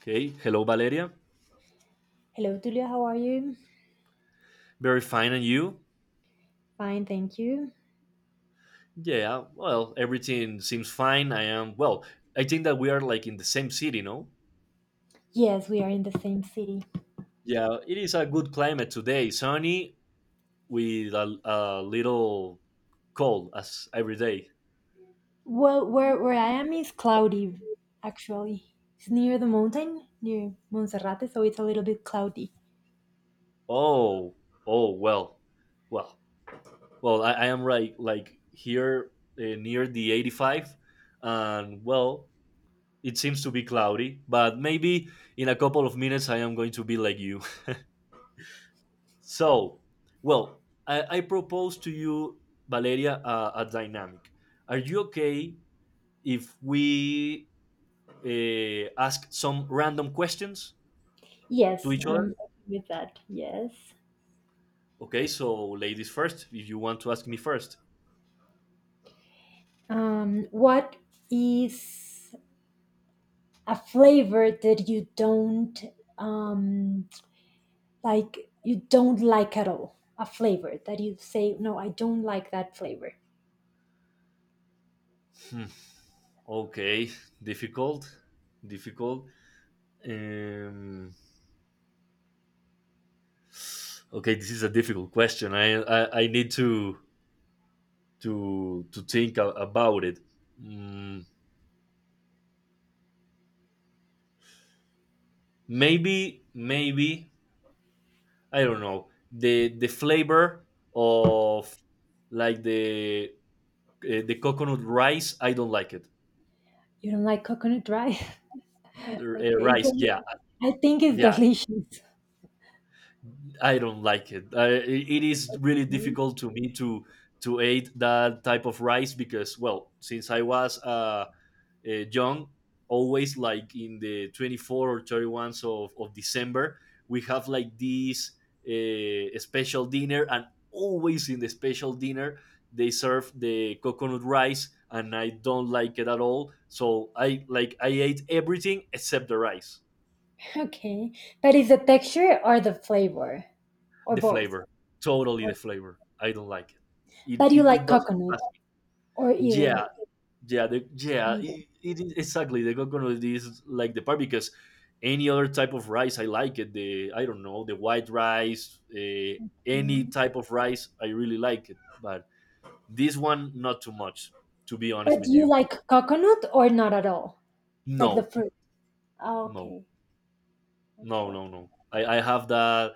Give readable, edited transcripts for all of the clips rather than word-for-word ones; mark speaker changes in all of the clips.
Speaker 1: Okay. Hello, Valeria.
Speaker 2: Hello, Julia. How are you?
Speaker 1: Very fine. And you?
Speaker 2: Fine, thank you.
Speaker 1: Yeah. Well, everything seems fine. I am, well, I think that we are like in the same city, no?
Speaker 2: Yes, we are in the same city.
Speaker 1: Yeah. It is a good climate today. Sunny with a little cold as every day.
Speaker 2: Well, where I am is cloudy, actually. It's near the mountain, near Monserrate, so it's a little bit cloudy.
Speaker 1: Oh, oh, well, well, well, I, I am right, like here near the 85. And well, it seems to be cloudy, but maybe in a couple of minutes I am going to be like you. So, well, I propose to you, Valeria, a dynamic. Are you okay if we ask some random questions to
Speaker 2: Yes,
Speaker 1: each other?
Speaker 2: I'm okay with that. Yes.
Speaker 1: Okay, so ladies first, if you want to ask me first.
Speaker 2: What is a flavor that you don't um like? You don't like at all. A flavor that you say, no, I don't like that flavor.
Speaker 1: Hmm, Okay, difficult, difficult. Um, okay, this is a difficult question. I need to think about it. Mm, maybe I don't know the flavor of like the coconut rice. I don't like it.
Speaker 2: You don't like coconut, right? Okay,
Speaker 1: Rice, yeah,
Speaker 2: I think it's
Speaker 1: yeah,
Speaker 2: delicious.
Speaker 1: I don't like it. It is really
Speaker 2: Mm.
Speaker 1: difficult to me to eat that type of rice because, well, since I was young, always like in the 24 or 31s of December, we have like this special dinner, and always in the special dinner, they serve the coconut rice and I don't like it at all. So I ate everything except the rice,
Speaker 2: Okay, but is the texture or the flavor or
Speaker 1: the
Speaker 2: both?
Speaker 1: flavor, totally the
Speaker 2: Or-
Speaker 1: flavor. I don't like it. It
Speaker 2: But you
Speaker 1: it, it
Speaker 2: like
Speaker 1: doesn't
Speaker 2: coconut
Speaker 1: pass.
Speaker 2: or
Speaker 1: Yeah,
Speaker 2: either?
Speaker 1: yeah, yeah,
Speaker 2: Neither.
Speaker 1: it is exactly the coconut is like the part because any other type of rice I like it. The I don't know the white rice, any
Speaker 2: Mm.
Speaker 1: type of rice I really like it, but this one not too much. To be honest
Speaker 2: But do
Speaker 1: with
Speaker 2: you
Speaker 1: you,
Speaker 2: like coconut or not at all? Like the
Speaker 1: no,
Speaker 2: fruit? Oh,
Speaker 1: no,
Speaker 2: okay, okay,
Speaker 1: no, no,
Speaker 2: okay.
Speaker 1: no. I have that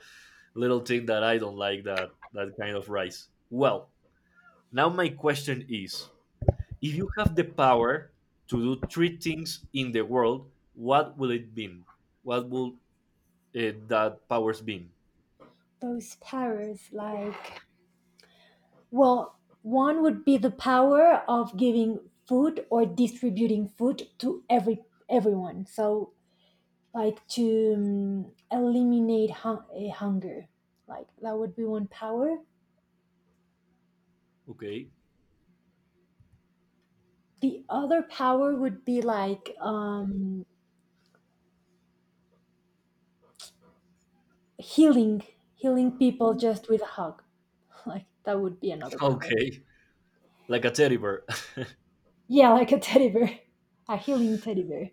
Speaker 1: little thing that I don't like that kind of rice. Well, now my question is: If you have the power to do three things in the world, what will it be? What will that powers be?
Speaker 2: Those powers, like, well, one would be the power of giving food or distributing food to everyone. So like to eliminate hunger, like that would be one power.
Speaker 1: Okay.
Speaker 2: The other power would be like healing, healing people just with a hug. Like that would be another power.
Speaker 1: Okay. Like a teddy bear.
Speaker 2: Yeah, like a teddy bear. A healing teddy bear.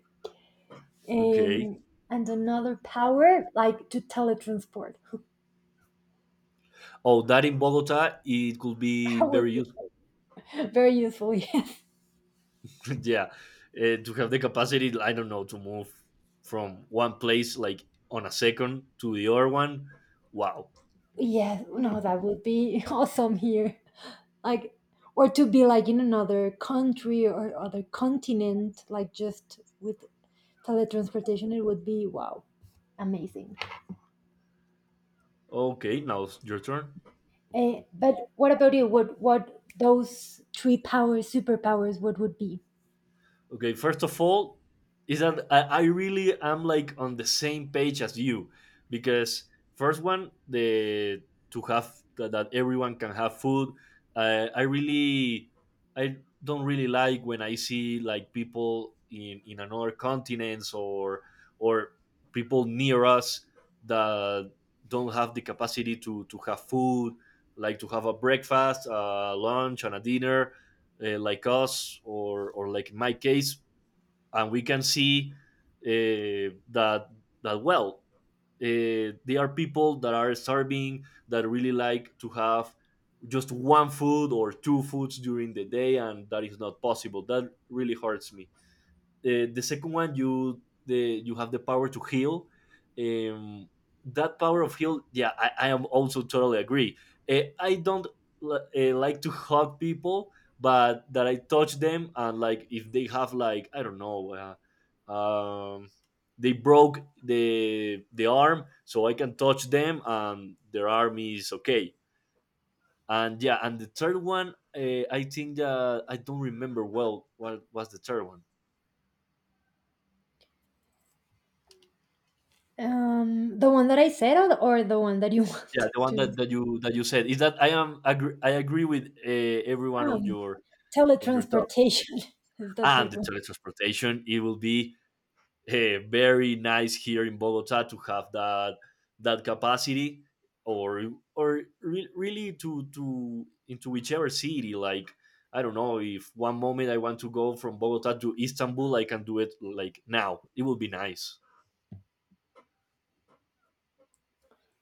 Speaker 1: Okay.
Speaker 2: um and another power like to teletransport.
Speaker 1: Oh, that in Bogota, it could be
Speaker 2: That would
Speaker 1: very
Speaker 2: be
Speaker 1: useful.
Speaker 2: very useful. Yes.
Speaker 1: Yeah. To have the capacity, I don't know, to move from one place like on a second to the other one. Wow.
Speaker 2: Yes, no, that would be awesome here, like, or to be like in another country or other continent, like just with teletransportation. It would be wow, amazing.
Speaker 1: Okay. Now it's your turn.
Speaker 2: But what about you, what those three powers, superpowers, what would be.
Speaker 1: Okay, first of all, is that I really am like on the same page as you because first one the to have that everyone can have food. I I really I don't really like when I see like people in another continents or people near us that don't have the capacity to have food, like to have a breakfast, a lunch, and a dinner like us or like in my case, and we can see uh, that that well, they are people that are starving that really like to have just one food or two foods during the day and that is not possible that really hurts me. The second one, you have the power to heal. Um, that power of heal, yeah, I am also totally agree. I don't like to hug people, but that I touch them and like if they have like I don't know, uh, um, they broke the arm, so I can touch them and their arm is okay. And yeah, and the third one, I think that I don't remember well what was the third one.
Speaker 2: The one that I said, or the, or the one that you
Speaker 1: Yeah,
Speaker 2: want
Speaker 1: the one that,
Speaker 2: to.
Speaker 1: that you said is that I agree with every one of
Speaker 2: um
Speaker 1: your talk
Speaker 2: teletransportation, is the
Speaker 1: and
Speaker 2: third
Speaker 1: the
Speaker 2: one.
Speaker 1: teletransportation. It will be very nice here in Bogota to have that capacity, or really to into whichever city. Like I don't know if one moment I want to go from Bogota to Istanbul, I can do it like now. It will be nice.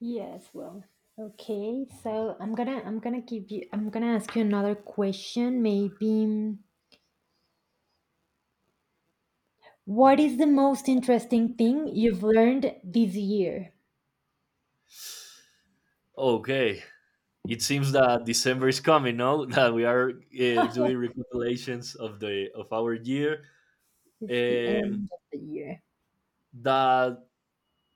Speaker 2: Yes, well, okay, so I'm gonna give you, I'm gonna ask you another question maybe. What is the most interesting thing you've learned this year?
Speaker 1: Okay, it seems that December is coming. No, that we are doing recapitulations of our year.
Speaker 2: It's the
Speaker 1: Um,
Speaker 2: end of the year.
Speaker 1: that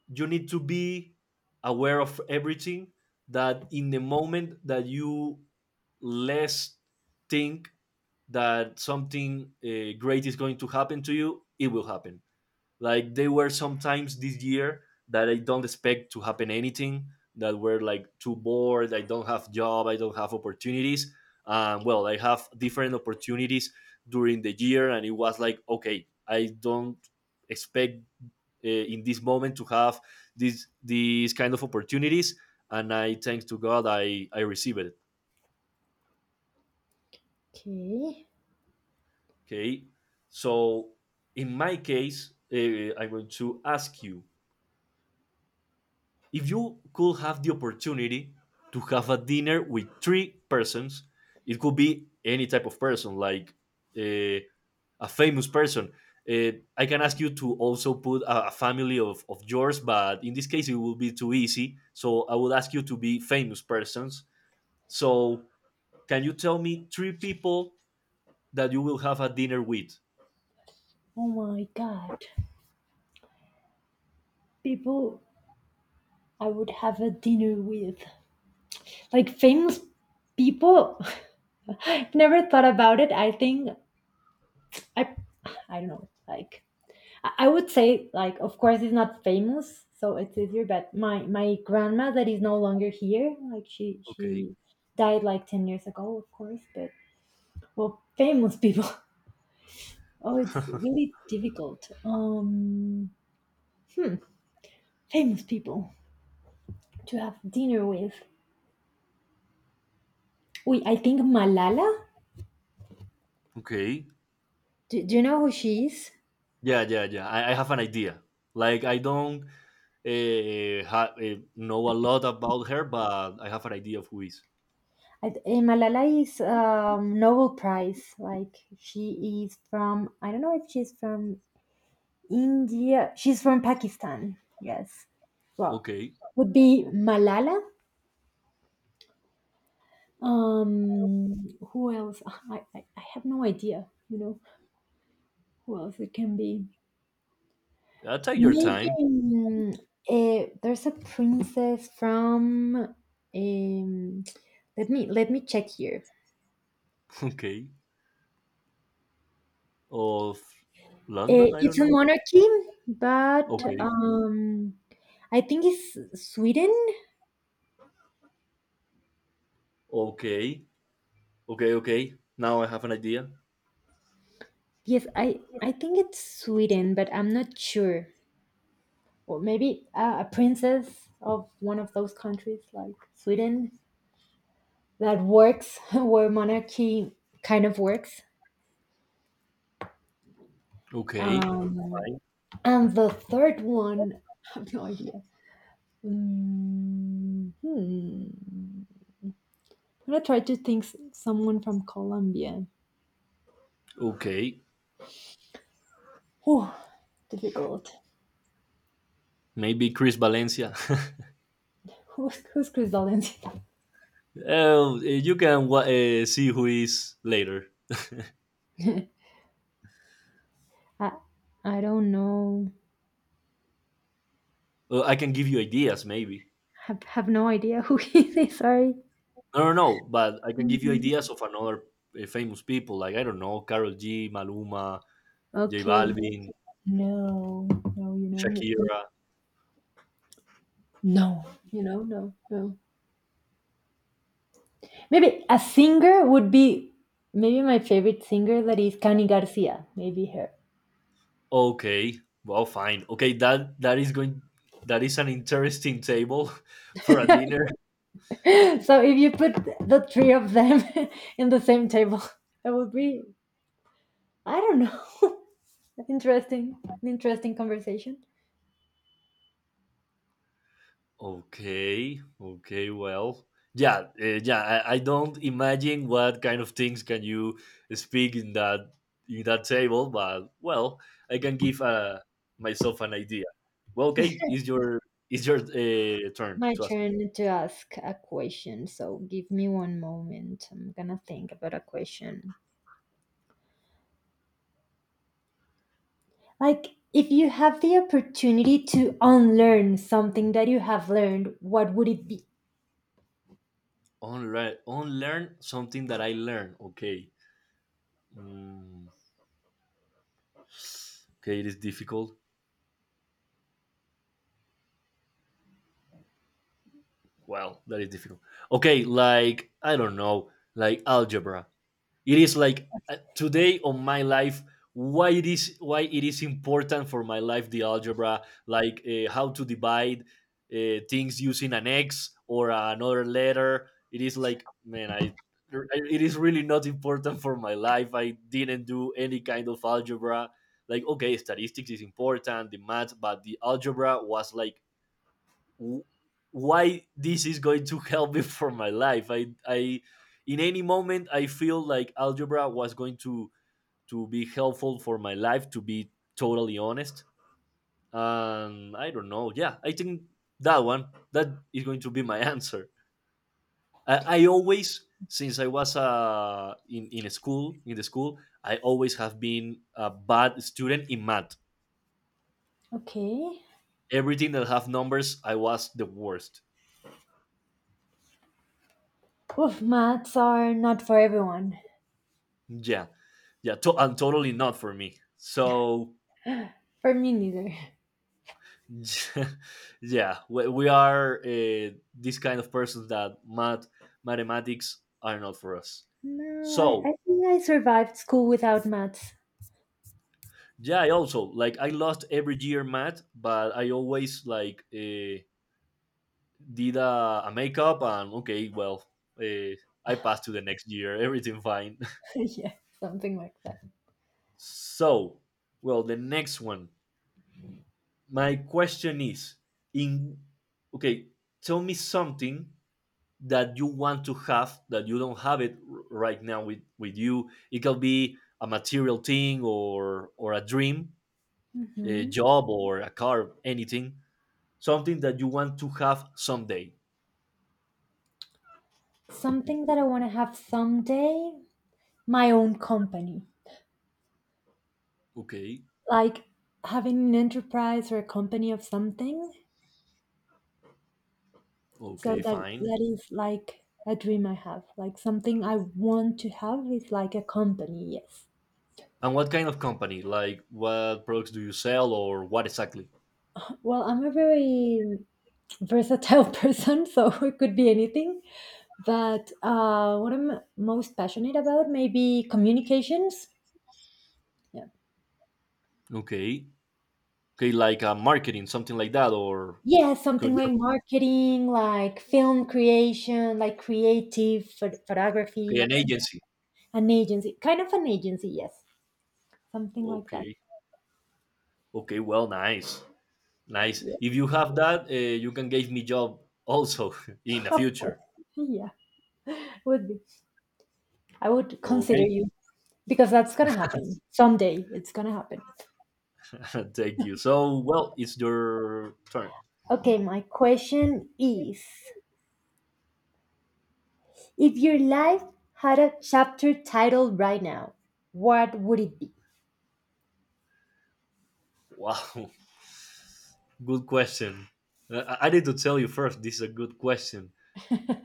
Speaker 1: you need to be aware of everything. That in the moment that you less think that something great is going to happen to you, it will happen. Like there were some times this year that I don't expect to happen anything. That were like too bored. I don't have job. I don't have opportunities. Well, I have different opportunities during the year, and it was like okay, I don't expect in this moment to have these kind of opportunities, and I thanks to God I received it.
Speaker 2: Okay.
Speaker 1: Okay, so in my case, I'm going to ask you: If you could have the opportunity to have a dinner with three persons, it could be any type of person, like uh, a famous person. I can ask you to also put a family of yours, but in this case, it will be too easy. So I would ask you to be famous persons. So can you tell me three people that you will have a dinner with?
Speaker 2: Oh my god. People I would have a dinner with. Like famous people. Never thought about it. I think I I don't know. Like I would say, like, of course it's not famous, so it's easier, but my grandma that is no longer here, like she
Speaker 1: Okay.
Speaker 2: she died like 10 years ago, of course, but well, famous people. Oh, it's really difficult. Hmm, famous people to have dinner with. We, I think Malala.
Speaker 1: Okay.
Speaker 2: Do you know who she is?
Speaker 1: Yeah, yeah, yeah. I have an idea. Like I don't know a lot about her, but I have an idea of who is.
Speaker 2: Malala is Nobel Prize. Like she is from. I don't know if she's from India. She's from Pakistan. Yes. Well,
Speaker 1: Okay,
Speaker 2: would be Malala. Um, who else? Ah, I have no idea. You know who else it can be.
Speaker 1: take your
Speaker 2: Maybe
Speaker 1: time.
Speaker 2: there's a princess from. Um, let me check here.
Speaker 1: Okay, of London, I don't
Speaker 2: It's a
Speaker 1: know.
Speaker 2: monarchy, but
Speaker 1: Okay,
Speaker 2: I think it's Sweden.
Speaker 1: okay, okay, okay. Now I have an idea.
Speaker 2: Yes, I think it's Sweden, but I'm not sure. Or maybe a princess of one of those countries, like Sweden, that works where monarchy kind of works.
Speaker 1: Okay,
Speaker 2: Um, and the third one, I have no idea. Mm, hmm. I'm gonna try to think someone from Colombia.
Speaker 1: okay.
Speaker 2: Whew, difficult.
Speaker 1: Maybe Chris Valencia.
Speaker 2: Who's Chris Valencia?
Speaker 1: Oh, you can see who is later.
Speaker 2: I, I don't know.
Speaker 1: I can give you ideas, maybe.
Speaker 2: Have no idea who he is. Sorry.
Speaker 1: I don't know, but I can give you
Speaker 2: Mm.
Speaker 1: ideas of another famous people, like I don't know, Carol G, Maluma, J
Speaker 2: Okay.
Speaker 1: Balvin,
Speaker 2: No, no, you know,
Speaker 1: Shakira.
Speaker 2: no, you know, no, no. Maybe a singer would be maybe my favorite singer, that is Cani Garcia. Maybe her.
Speaker 1: Okay. Well, fine. Okay, that is an interesting table for a dinner.
Speaker 2: So if you put the three of them in the same table, that would be, I don't know, interesting, an interesting conversation.
Speaker 1: Okay. Okay, well. Yeah, yeah, I don't imagine what kind of things can you speak in that table, but well, I can give myself an idea. Well, okay, is your turn
Speaker 2: My
Speaker 1: to ask me.
Speaker 2: turn to ask a question. So give me one moment. I'm gonna think about a question. Like, if you have the opportunity to unlearn something that you have learned, what would it be?
Speaker 1: Unlearn, unlearn something that I learned. Okay. Mm, okay, it is difficult. Well, that is difficult. Okay, like I don't know, like algebra. It is like today on my life why it is important for my life the algebra, like how to divide things using an x or another letter. It is like man, I it is really not important for my life. I didn't do any kind of algebra. Like okay, statistics is important, the math, but the algebra was like w- why this is going to help me for my life. In any moment, I feel like algebra was going to be helpful for my life. To be totally honest, I don't know. Yeah, I think that one that is going to be my answer. I always, since I was in the school, I always have been a bad student in math.
Speaker 2: Okay.
Speaker 1: Everything that have numbers, I was the worst.
Speaker 2: Oof, maths are not for everyone.
Speaker 1: Yeah, yeah, and totally not for me. So,
Speaker 2: For me neither.
Speaker 1: yeah, we are this kind of persons that mathematics are not for us.
Speaker 2: No,
Speaker 1: So,
Speaker 2: I think I survived school without maths.
Speaker 1: yeah, I also like I lost every year math, but I always like did a makeup and okay, well, uh, I passed to the next year, everything fine.
Speaker 2: Yeah, something like that.
Speaker 1: So, well, the next one, my question is in okay, tell me something that you want to have that you don't have it right now with you. It could be a material thing or a dream, a
Speaker 2: hmm
Speaker 1: job or a car, anything, something that you want to have someday.
Speaker 2: Something that I want to have someday, my own company.
Speaker 1: Okay.
Speaker 2: Like having an enterprise or a company of something. So
Speaker 1: Okay,
Speaker 2: that
Speaker 1: fine.
Speaker 2: that is like a dream I have. Like something I want to have is like a company, yes.
Speaker 1: And what kind of company, like what products do you sell or what exactly?
Speaker 2: Well, I'm a very versatile person, so it could be anything. But what I'm most passionate about, maybe communications. Yeah.
Speaker 1: Okay. Okay, like a marketing, something like that, or
Speaker 2: Yeah,
Speaker 1: could
Speaker 2: something
Speaker 1: you
Speaker 2: like marketing, like film creation, like creative
Speaker 1: okay,
Speaker 2: photography,
Speaker 1: an agency.
Speaker 2: an agency, kind of an agency, yes, something like that.
Speaker 1: Okay. Okay, well, nice, nice.
Speaker 2: Yeah,
Speaker 1: If you have that, you can give me job also in the
Speaker 2: of course.
Speaker 1: future.
Speaker 2: Yeah, would be. I would consider
Speaker 1: Okay,
Speaker 2: you because that's gonna happen someday. It's gonna happen.
Speaker 1: thank you. So, well, it's your turn.
Speaker 2: Okay, my question is, if your life had a chapter title right now, what would it be?
Speaker 1: Wow, good question. I need to tell you first. This is a good question.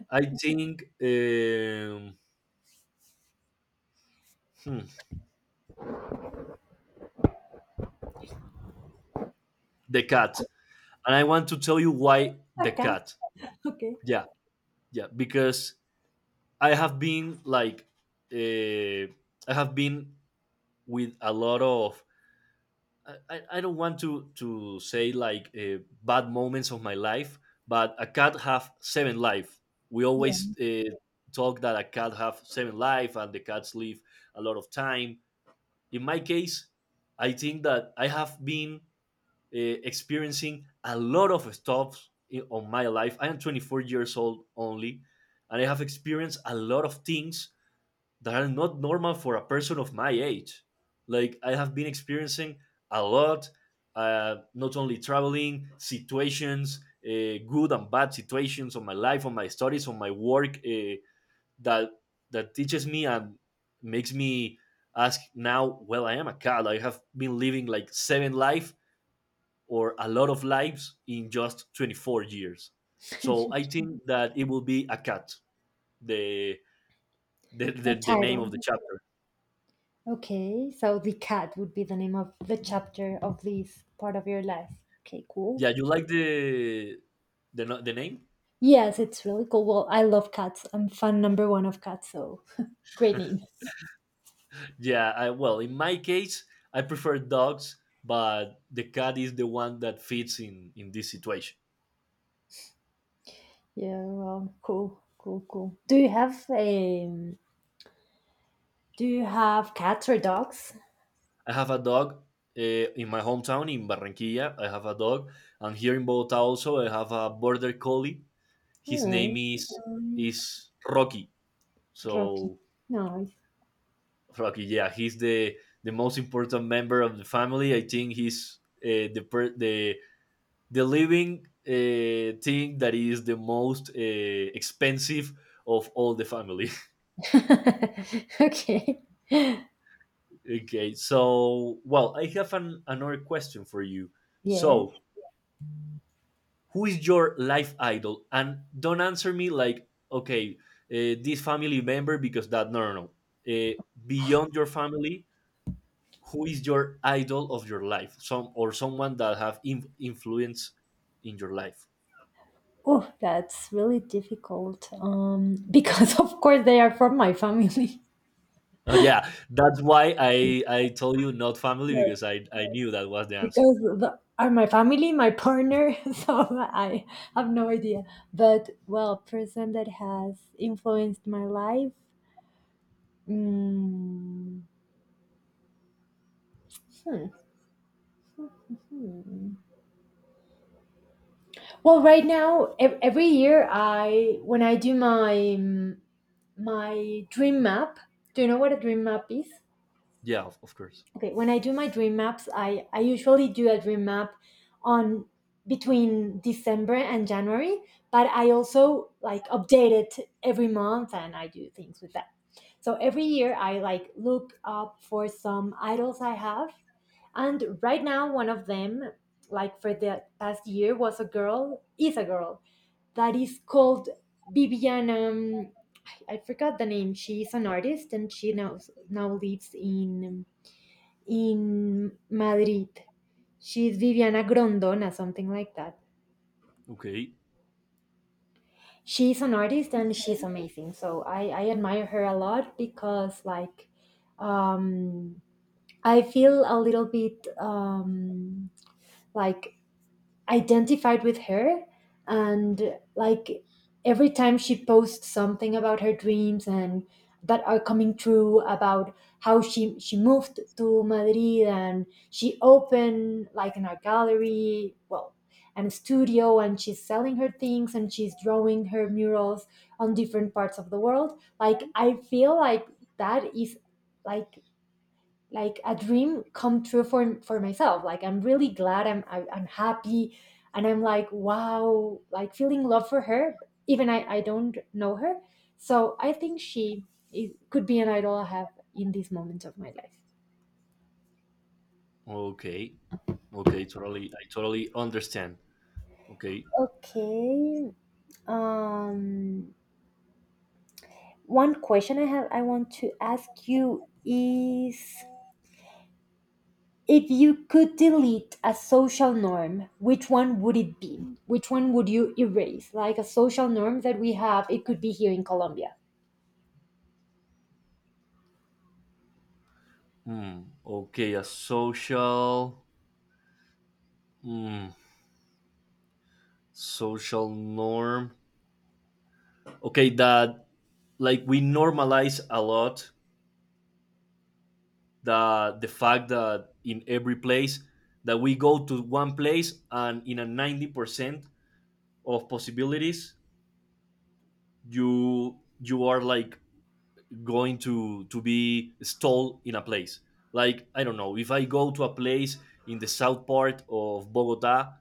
Speaker 1: I think hmm, the cat, and I want to tell you why the
Speaker 2: Okay.
Speaker 1: cat.
Speaker 2: Okay.
Speaker 1: Yeah, yeah, because I have been like, uh, I have been with a lot of, I don't want to say like bad moments of my life, but a cat have seven life. We always
Speaker 2: Yeah.
Speaker 1: talk that a cat have seven life and the cats live a lot of time. In my case, I think that I have been experiencing a lot of stuff on my life. I am 24 years old only, and I have experienced a lot of things that are not normal for a person of my age. Like I have been experiencing a lot, not only traveling situations, good and bad situations on my life, on my studies, on my work that that teaches me and makes me ask now. Well, I am a cat. I have been living like seven life or a lot of lives in just 24 years. So I think that it will be a cat. The the, the,
Speaker 2: A
Speaker 1: the name
Speaker 2: title.
Speaker 1: of the chapter.
Speaker 2: Okay, so the cat would be the name of the chapter of this part of your life. Okay, cool.
Speaker 1: Yeah, you like the no- the name?
Speaker 2: Yes, it's really cool. Well, I love cats. I'm fan number one of cats, so great name.
Speaker 1: Yeah, I, well, in my case, I prefer dogs, but the cat is the one that fits in this situation.
Speaker 2: Yeah, well, cool, cool, cool. Do you have do you have cats or dogs?
Speaker 1: I have a dog uh, in my hometown in Barranquilla. I have a dog, and here in Bogota also I have a border collie. His name
Speaker 2: Oh,
Speaker 1: is
Speaker 2: nice.
Speaker 1: is Rocky.
Speaker 2: Rocky.
Speaker 1: So
Speaker 2: Nice.
Speaker 1: Rocky, yeah, he's the most important member of the family. I think he's the per- the living thing that is the most expensive of all the family.
Speaker 2: Okay.
Speaker 1: Okay, so well, I have an, another question for you.
Speaker 2: Yes.
Speaker 1: So, who is your life idol? And don't answer me like, okay, this family member because that no, no, no. Uh, Beyond your family, who is your idol of your life? Some or someone that have in, influence in your life.
Speaker 2: Oh, that's really difficult. Because of course they are from my family.
Speaker 1: Oh yeah, that's why I told you not family because I knew that was the answer.
Speaker 2: Because the, are my family, my partner, so I have no idea. But well, person that has influenced my life. Mm, hmm, hmm. Well, right now, every year I, when I do my my dream map. Do you know what a dream map is?
Speaker 1: Yeah, of course.
Speaker 2: Okay, when I do my dream maps, I usually do a dream map on between December and January, but I also like update it every month, and I do things with that. So every year I like look up for some idols I have, and right now one of them, like for the past year, was a girl, is a girl that is called Viviana. I forgot the name. She's an artist, and she now lives in Madrid. She's Viviana Grondona, something like that.
Speaker 1: Okay,
Speaker 2: She's an artist and she's amazing. So I admire her a lot because, like, um, I feel a little bit like identified with her, and like every time she posts something about her dreams and that are coming true, about how she moved to Madrid and she opened like an art gallery, well, and a studio, and she's selling her things, and she's drawing her murals on different parts of the world. Like I feel like that is like like a dream come true for myself. Like I'm really glad, I'm happy, and I'm like wow, like feeling love for her, even I don't know her. So I think she is, could be an idol I have in these moments of my life.
Speaker 1: okay, okay. Totally, I totally understand. Okay.
Speaker 2: Okay. um one question I have, I want to ask you is, if you could delete a social norm, which one would it be? Which one would you erase? Like a social norm that we have, it could be here in Colombia.
Speaker 1: Hmm. Okay, a social, hmm, social norm. Okay, that like we normalize a lot the fact that in every place that we go to one place and in a 90% of possibilities you are like going to be stalled in a place. Like I don't know if I go to a place in the south part of Bogota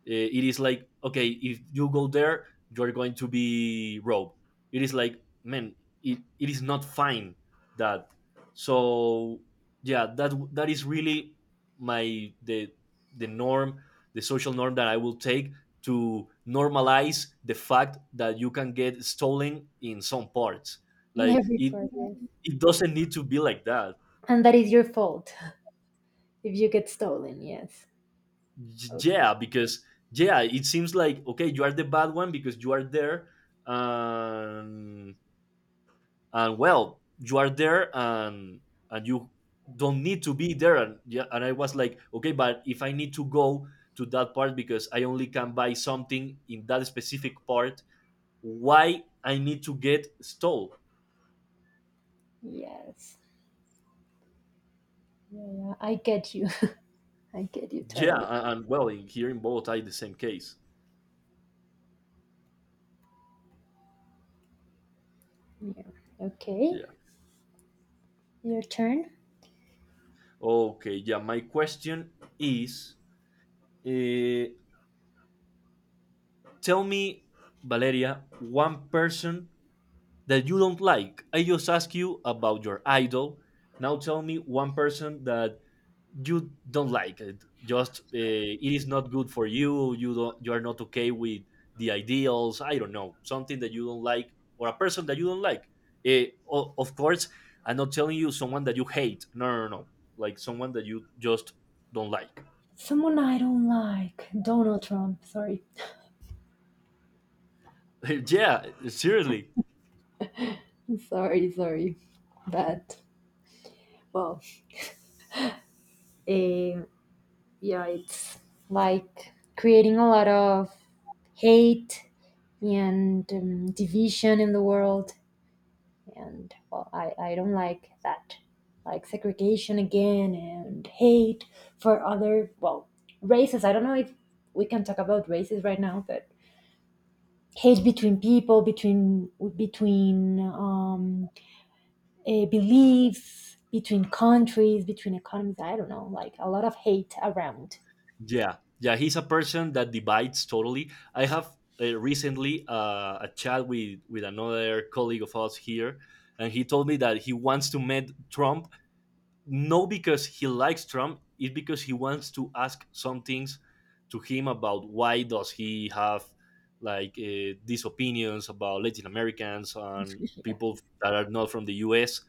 Speaker 1: it is like okay if you go there you're going to be robbed. It is like man, it is not fine that, so yeah, that is really my the norm, the social norm that I will take to normalize the fact that you can get stolen in some parts
Speaker 2: In
Speaker 1: like
Speaker 2: every
Speaker 1: it
Speaker 2: part, yes.
Speaker 1: it doesn't need to be like that.
Speaker 2: And that is your fault if you get stolen, yes. Okay.
Speaker 1: Yeah, because yeah, it seems like okay, you are the bad one because you are there and and well, you are there and you don't need to be there. And yeah, and I was like okay, but if I need to go to that part because I only can buy something in that specific part, why I need to get stole?
Speaker 2: Yes. Yeah, yeah, I get you. I get you
Speaker 1: Yeah,
Speaker 2: totally.
Speaker 1: well, in here in Bogota it's the same case.
Speaker 2: Yeah. Okay.
Speaker 1: Yeah,
Speaker 2: Your turn.
Speaker 1: okay, yeah, my question is uh, tell me, Valeria, one person that you don't like. I just ask you about your idol. Now tell me one person that you don't like. It just it is not good for you. You don't. You are not okay with the ideals. I don't know, something that you don't like or a person that you don't like. Of course, I'm not telling you someone that you hate. No, no, no, no. Like someone that you just don't like.
Speaker 2: Someone I don't like. Donald Trump. Sorry.
Speaker 1: Yeah, seriously.
Speaker 2: Sorry, sorry. But well, eh, yeah, it's like creating a lot of hate and division in the world. And well, I don't like that. Like segregation again and hate for other, well, races. I don't know if we can talk about races right now, but hate between people, between beliefs, between countries, between economies. I don't know, like a lot of hate around.
Speaker 1: Yeah, yeah, he's a person that divides totally. I have recently a chat with another colleague of us here, and he told me that he wants to meet Trump, no, because he likes Trump, it's because he wants to ask some things to him about why does he have like these opinions about Latin Americans and
Speaker 2: Yeah.
Speaker 1: people that are not from the U.S.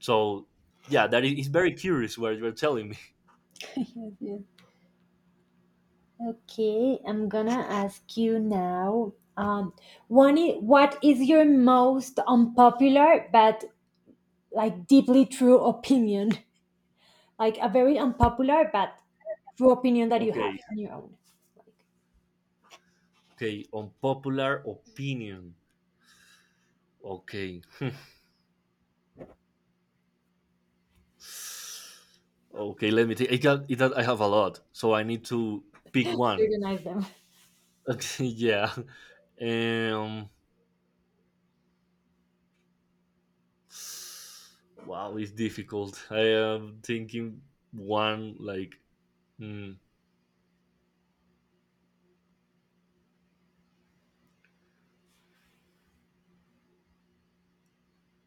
Speaker 1: So yeah, that is, he's very curious what you're telling me.
Speaker 2: Yes, yes. Okay, I'm gonna ask you now. One, what is your most unpopular but like deeply true opinion? Like a very unpopular but true opinion that you have
Speaker 1: Okay,
Speaker 2: on your own. Like
Speaker 1: okay, unpopular opinion. Okay. Okay, let me think. I got it that I have a lot, so I need to pick
Speaker 2: you
Speaker 1: one.
Speaker 2: organize them.
Speaker 1: Okay, yeah. Um, wow, it's difficult. I am thinking one like, mm,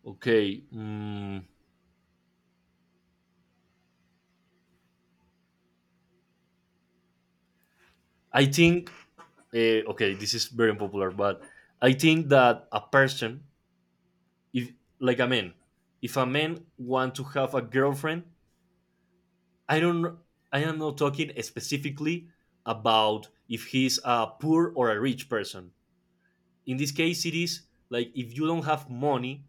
Speaker 1: okay. Mm, I think okay, this is very unpopular, but I think that a person, if like a man, if a man want to have a girlfriend, I don't. I am not talking specifically about if he's a poor or a rich person. In this case, it is like if you don't have money,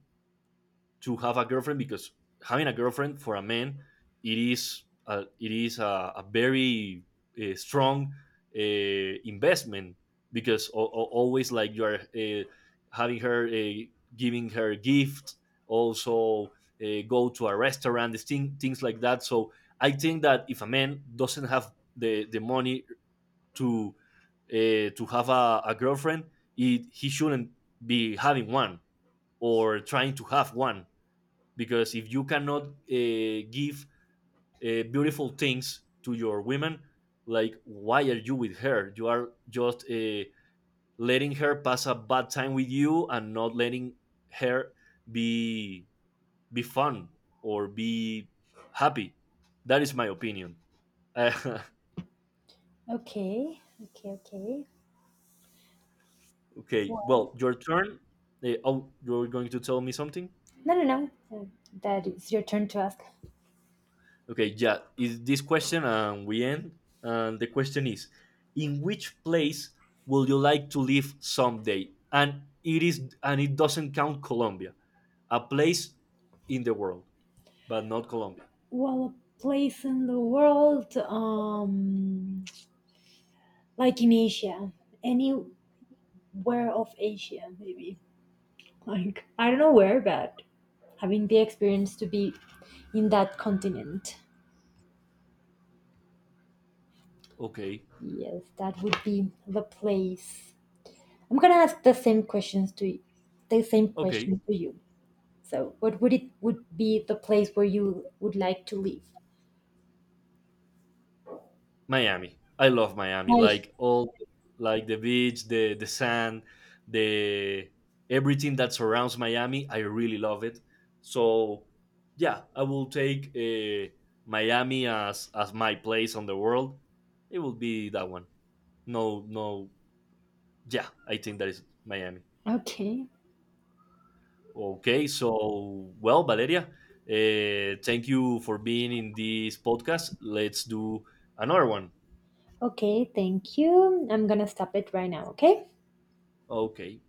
Speaker 1: to have a girlfriend, because having a girlfriend for a man, it is a very strong investment because always like you are having her giving her gifts, also go to a restaurant, this thing, things like that. So I think that if a man doesn't have the money to to have a girlfriend, it, he shouldn't be having one or trying to have one, because if you cannot give beautiful things to your women, like why are you with her, you are just letting her pass a bad time with you and not letting her be be fun or be happy. That is my opinion. Okay.
Speaker 2: Okay, okay, okay. Well,
Speaker 1: Well, your turn. Oh, you're going to tell me something.
Speaker 2: no, no, no. That is your turn to ask.
Speaker 1: Okay, yeah, is this question and we end. And the question is, in which place would you like to live someday? And it is, and it doesn't count Colombia, a place in the world, but not Colombia.
Speaker 2: Well, a place in the world, like in Asia, anywhere of Asia, maybe. Like I don't know where, but having the experience to be in that continent.
Speaker 1: Okay.
Speaker 2: Yes, that would be the place. I'm gonna ask the same questions to you, the same
Speaker 1: Okay.
Speaker 2: question to you. So, what would it would be the place where you would like to live?
Speaker 1: Miami. I love Miami.
Speaker 2: Hi.
Speaker 1: Like all, like the beach, the sand, the everything that surrounds Miami. I really love it. So yeah, I will take Miami as my place on the world. It will be that one. No, no. Yeah, I think that is Miami.
Speaker 2: Okay.
Speaker 1: Okay, so well, Valeria, thank you for being in this podcast. Let's do another one.
Speaker 2: Okay. Thank you. I'm gonna stop it right now. Okay.
Speaker 1: Okay.